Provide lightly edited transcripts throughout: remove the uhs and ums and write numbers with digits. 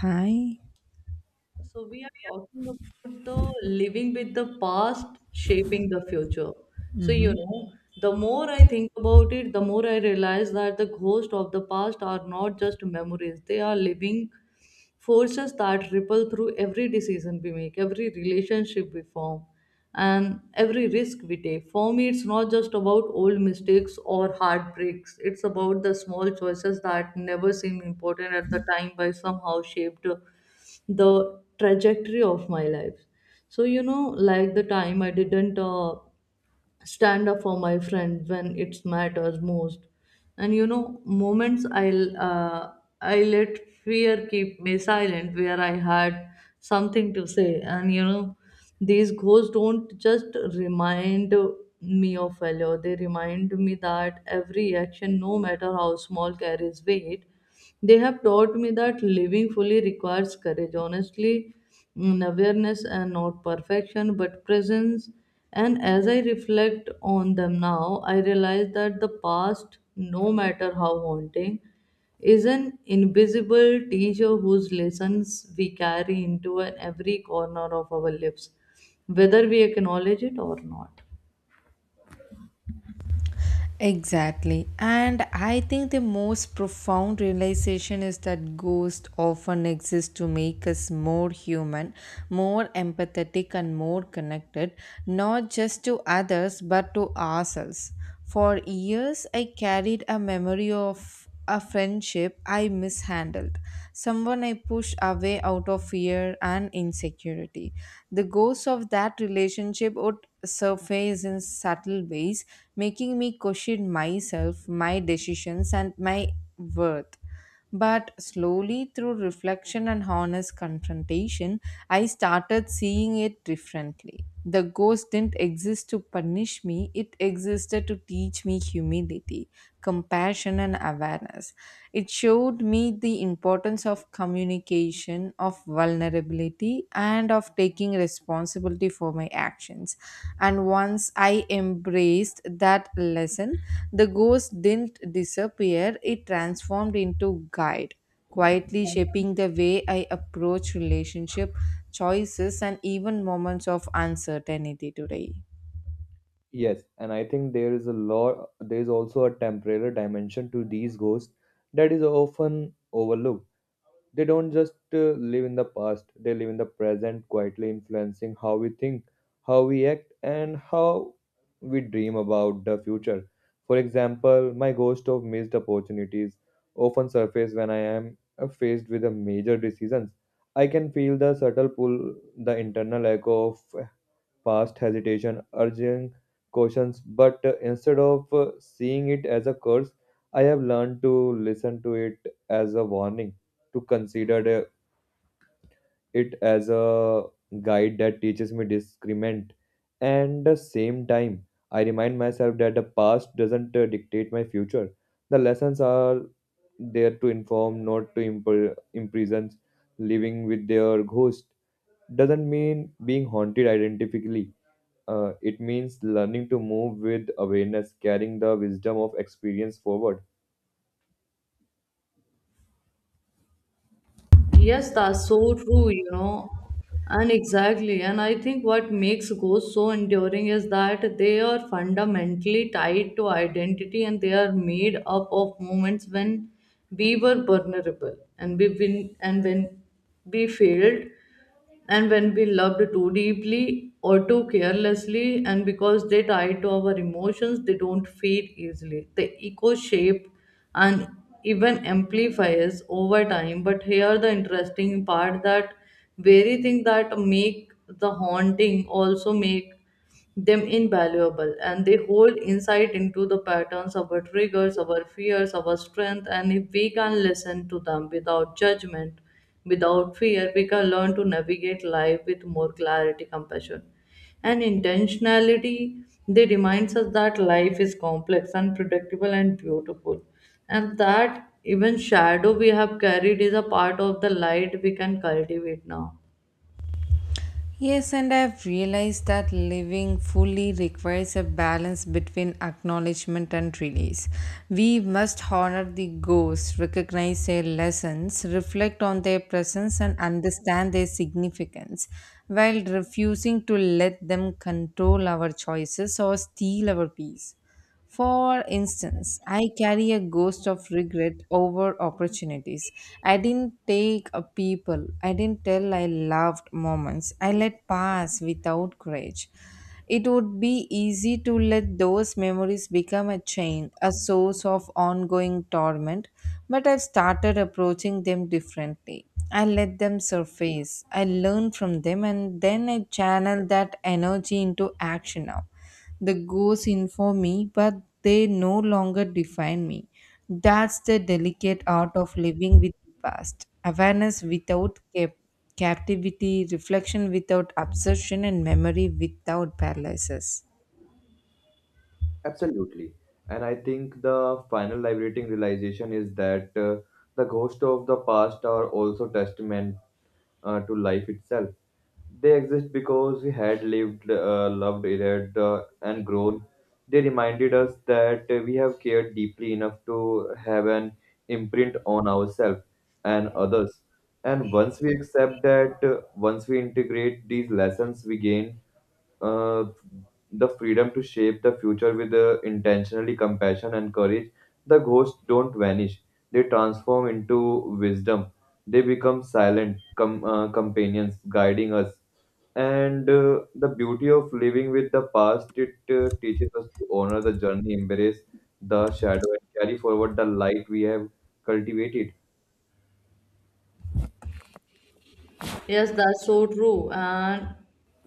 Hi. So we are talking about the living with the past shaping the future. Mm-hmm. The more I think about it, the more I realize that the ghosts of the past are not just memories. They are living forces that ripple through every decision we make, every relationship we form, and every risk we take. For me, it's not just about old mistakes or heartbreaks. It's about the small choices that never seem important at the time but somehow shaped the trajectory of my life. Like the time I didn't stand up for my friend when it matters most, and moments I'll I let fear keep me silent where I had something to say. And you know These ghosts don't just remind me of failure. They remind me that every action, no matter how small, carries weight. They have taught me that living fully requires courage, honestly, awareness, and not perfection, but presence. And as I reflect on them now, I realize that the past, no matter how haunting, is an invisible teacher whose lessons we carry into an every corner of our lives, whether we acknowledge it or not. Exactly. And I think the most profound realization is that ghosts often exist to make us more human, more empathetic, and more connected, not just to others but to ourselves. For years, I carried a memory of a friendship I mishandled, someone I pushed away out of fear and insecurity. The ghosts of that relationship would surface in subtle ways, making me question myself, my decisions, and my worth. But slowly, through reflection and honest confrontation, I started seeing it differently. The ghost didn't exist to punish me, it existed to teach me humility, compassion, and awareness. It showed me the importance of communication, of vulnerability, and of taking responsibility for my actions. And once I embraced that lesson, the ghost didn't disappear, it transformed into guide, quietly shaping the way I approach relationship, choices, and even moments of uncertainty today. Yes, and I think there is a lot, there is also a temporary dimension to these ghosts that is often overlooked. They don't just live in the past, they live in the present, quietly influencing how we think, how we act, and how we dream about the future. For example, my ghost of missed opportunities often surface when I am faced with a major decisions. I can feel the subtle pull, the internal echo of past hesitation, urging cautions, but instead of seeing it as a curse, I have learned to listen to it as a warning, to consider the- it as a guide that teaches me discernment. And the same time, I remind myself that the past doesn't dictate my future. The lessons are there to inform, not to imprison. Living with their ghost doesn't mean being haunted identically it means learning to move with awareness, carrying the wisdom of experience forward. Yes, that's so true, you know. And exactly. And I think what makes ghosts so enduring is that they are fundamentally tied to identity, and they are made up of moments when we were vulnerable, and when we failed, and when we loved too deeply or too carelessly. And because they tie to our emotions, they don't fade easily. The echo shape and even amplifies over time. But here the interesting part, that very thing that make the haunting also make them invaluable, and they hold insight into the patterns, our triggers, our fears, our strength. And if we can listen to them without judgment, without fear, we can learn to navigate life with more clarity, compassion, and intentionality. They remind us that life is complex, unpredictable, and beautiful, and that even shadow we have carried is a part of the light we can cultivate now. Yes, and I've realized that living fully requires a balance between acknowledgement and release. We must honor the ghosts, recognize their lessons, reflect on their presence, and understand their significance, while refusing to let them control our choices or steal our peace. For instance, I carry a ghost of regret over opportunities. I didn't take a people. I didn't tell I loved moments. I let pass without courage. It would be easy to let those memories become a chain, a source of ongoing torment, but I've started approaching them differently. I let them surface. I learn from them and then I channel that energy into action now the ghosts inform me, but they no longer define me. That's the delicate art of living with the past. Awareness without captivity, reflection without obsession, and memory without paralysis. Absolutely. And I think the final liberating realization is that the ghosts of the past are also testament to life itself. They exist because we had lived, loved, erred, and grown. They reminded us that we have cared deeply enough to have an imprint on ourselves and others. And once we accept that, once we integrate these lessons we gain uh, the freedom to shape the future with intentionally compassion and courage, the ghosts don't vanish. They transform into wisdom. They become companions guiding us. And the beauty of living with the past, it teaches us to honor the journey, embrace the shadow, and carry forward the light we have cultivated. Yes, that's so true. And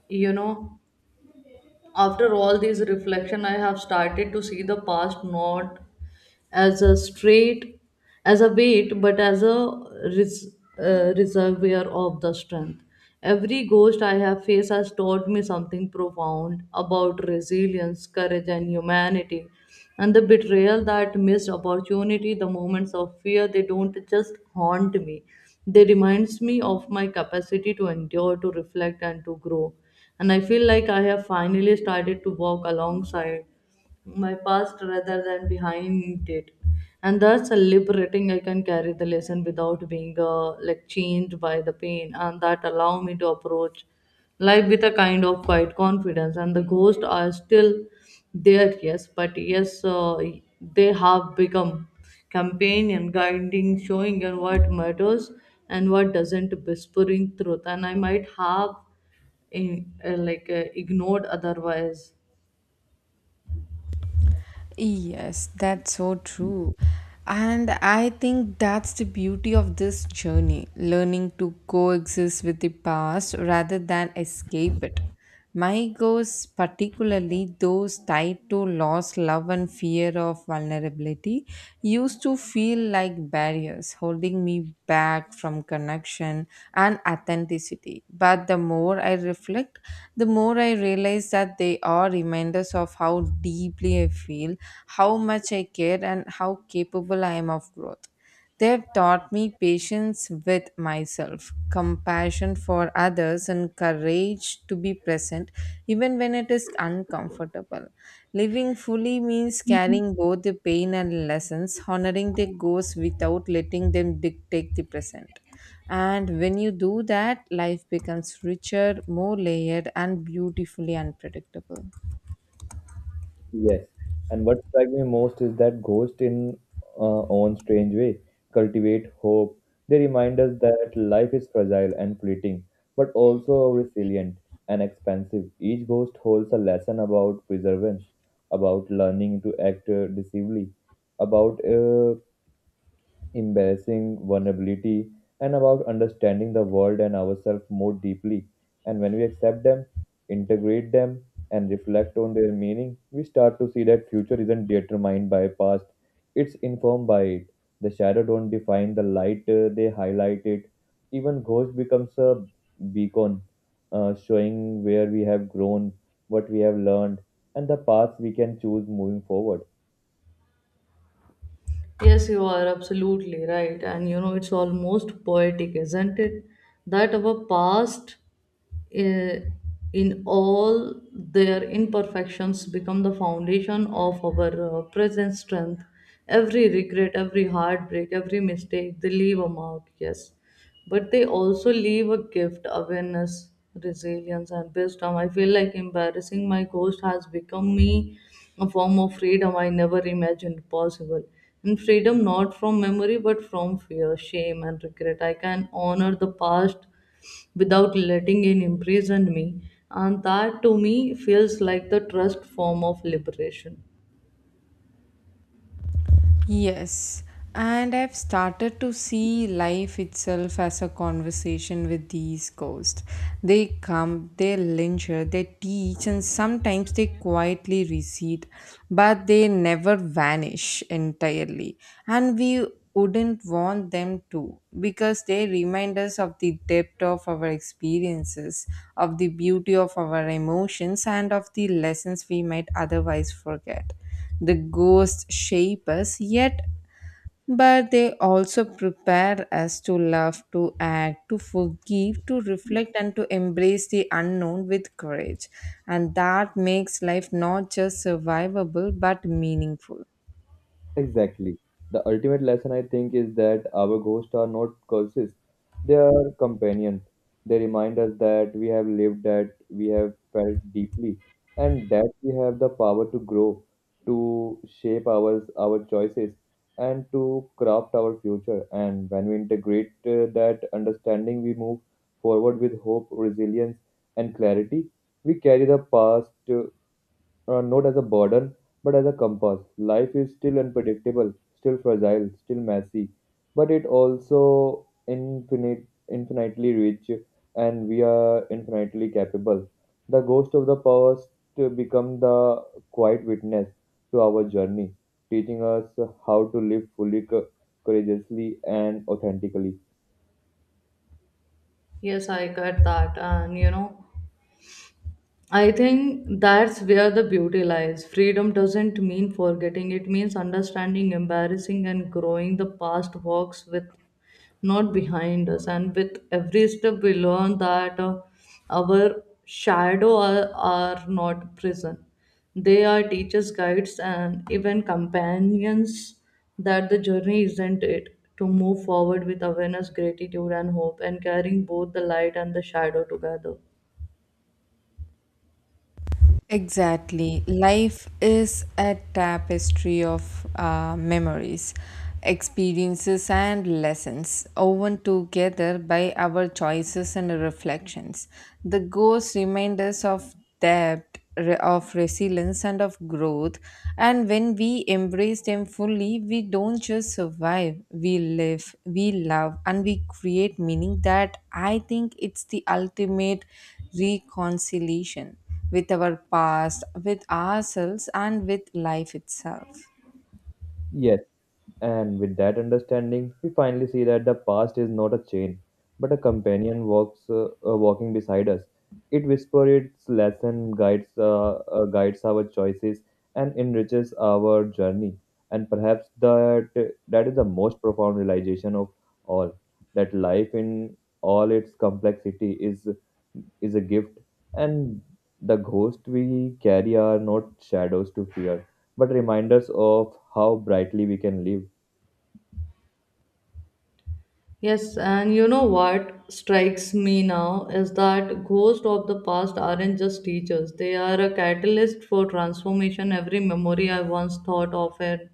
you know After all these reflection, I have started to see the past not as a straight, as a weight, but as a reservoir of the strength. Every ghost I have faced has taught me something profound about resilience, courage, and humanity. And the betrayal, that missed opportunity, the moments of fear, they don't just haunt me. They reminds me of my capacity to endure, to reflect, and to grow. And I feel like I have finally started to walk alongside my past rather than behind it. And that's a liberating. I can carry the lesson without being like changed by the pain, and that allow me to approach life with a kind of quiet confidence. And the ghosts are still there, yes, but yes, they have become companion, guiding, showing, and what matters and what doesn't, whispering truth. And I might have in, like ignored otherwise. Yes, that's so true. And I think that's the beauty of this journey, learning to coexist with the past rather than escape it. My goals, particularly those tied to loss, love, and fear of vulnerability, society used to feel like barriers holding me back from connection and authenticity. But the more I reflect, the more I realize that they are reminders of how deeply I feel, how much I care, and how capable I am of growth. They have taught me patience with myself, compassion for others, and courage to be present even when it is uncomfortable. Living fully means carrying both the pain and lessons, honoring the goals without letting them dictate the present. And when you do that, life becomes richer, more layered, and beautifully unpredictable. Yes. And what struck me most is that ghosts, in own strange way, cultivate hope. They remind us that life is fragile and fleeting, but also resilient and expansive. Each ghost holds a lesson about perseverance, about learning to act decisively, about embarrassing vulnerability, and about understanding the world and ourselves more deeply. And when we accept them, integrate them, and reflect on their meaning, we start to see that future isn't determined by past, it's informed by it. The shadow don't define the light, they highlight it. Even ghost becomes a beacon, showing where we have grown, what we have learned, and the paths we can choose moving forward. Yes, you are absolutely right. And you know, it's almost poetic, isn't it, that our past, uh, in all their imperfections, become the foundation of our present strength. Every regret, every heartbreak, every mistake, they leave a mark, yes, but they also leave a gift: awareness, resilience, and wisdom. I feel like embarrassing my ghost has become me a form of freedom I never imagined possible. And freedom not from memory but from fear, shame, and regret. I can honor the past without letting it imprison me, and that to me feels like the trust form of liberation. Yes, and I've started to see life itself as a conversation with these ghosts. They come, they linger, they teach, and sometimes they quietly recede, but they never vanish entirely. And we wouldn't want them to because they remind us of the depth of our experiences, of the beauty of our emotions, and of the lessons we might otherwise forget. The ghosts shape us, yet, but they also prepare us to love, to act, to forgive, to reflect, and to embrace the unknown with courage. And that makes life not just survivable but meaningful. Exactly. The ultimate lesson I think is that our ghosts are not curses. They are companions. They remind us that we have lived, that we have felt deeply, and that we have the power to grow, to our choices, and to craft our future. And when we integrate that understanding, we move forward with hope, resilience, and clarity. We carry the past, not as a burden, but as a compass. Life is still unpredictable, still fragile, still messy, but it also infinite, infinitely rich, and we are infinitely capable. The ghost of the past become the quiet witness to our journey, teaching us how to live fully, courageously, and authentically. Yes, I get that. And you know, I think that's where the beauty lies. Freedom doesn't mean forgetting, it means understanding, embarrassing, and growing. The past walks with, not behind us, and with every step, we learn that our shadow are not prison. They are teachers, guides, and even companions. That the journey isn't it to move forward with awareness, gratitude, and hope, and carrying both the light and the shadow together. Exactly. Life is a tapestry of memories, experiences, and lessons, woven together by our choices and reflections. The ghosts remind us of depth, of resilience, and of growth. And when we embrace them fully, we don't just survive, we live, we love, and we create meaning that I think it's the ultimate reconciliation with our past, with ourselves, and with life itself. Yes, and with that understanding, we finally see that the past is not a chain, but a companion walks walking beside us. It whispers its lesson, guides our choices, and enriches our journey. And perhaps that is the most profound realization of all that life in all its complexity is a gift, and the ghosts we carry are not shadows to fear, but reminders of how brightly we can live. Yes, and you know what strikes me now is that ghosts of the past aren't just teachers. They are a catalyst for transformation. Every memory I once thought of it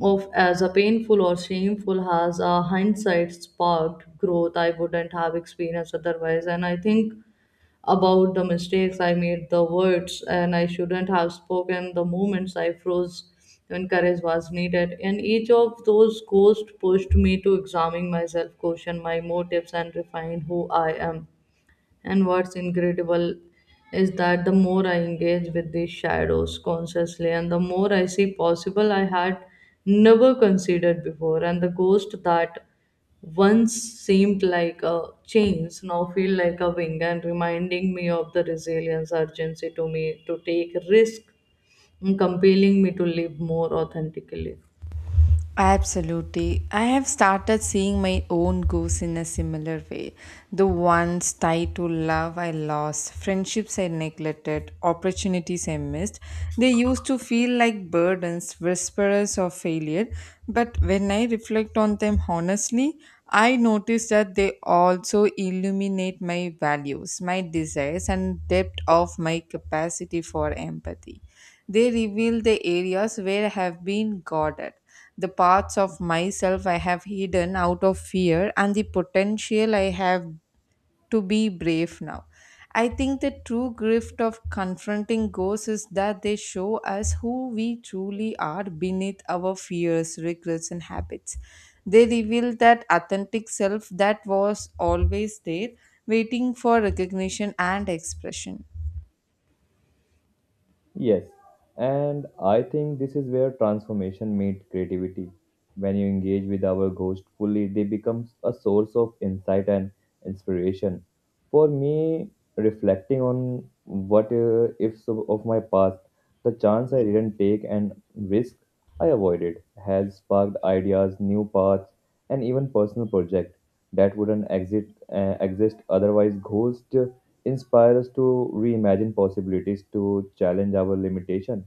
of as a painful or shameful has a hindsight sparked growth I wouldn't have experienced otherwise. And I think about the mistakes I made, the words and I shouldn't have spoken, the moments I froze when courage was needed. And each of those ghosts pushed me to examine myself, question my motives, and refine who I am. And what's incredible is that the more I engage with these shadows consciously, and the more I see possible I had never considered before, and the ghost that once seemed like a chains now feel like a wing and reminding me of the resilience urgency to me to take risk and compelling me to live more authentically. Absolutely. I have started seeing my own goals in a similar way. The ones tied to love I lost, friendships I neglected, opportunities I missed. They used to feel like burdens, whisperers of failure. But when I reflect on them honestly, I notice that they also illuminate my values, my desires, and depth of my capacity for empathy. They reveal the areas where I have been guarded, the parts of myself I have hidden out of fear, and the potential I have to be brave now. I think the true gift of confronting ghosts is that they show us who we truly are beneath our fears, regrets, and habits. They reveal that authentic self that was always there, waiting for recognition and expression. Yes, and I think this is where transformation meets creativity. When you engage with our ghost fully, they become a source of insight and inspiration. For me, reflecting on what ifs of my past, the chance I didn't take and risk I avoided has sparked ideas, new paths, and even personal projects that wouldn't exist, exist otherwise. Ghosts inspire us to reimagine possibilities, to challenge our limitation,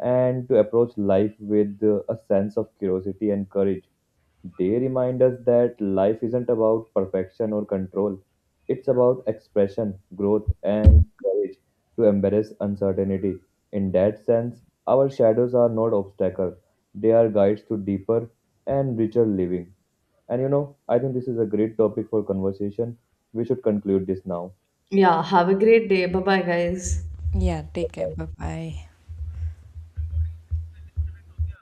and to approach life with a sense of curiosity and courage. They remind us that life isn't about perfection or control. It's about expression, growth, and courage to embrace uncertainty. In that sense, our shadows are not obstacles. They are guides to deeper and richer living. And you know, I think this is a great topic for conversation. We should conclude this now. Yeah, have a great day. Bye bye, guys. Yeah, take care. Bye bye.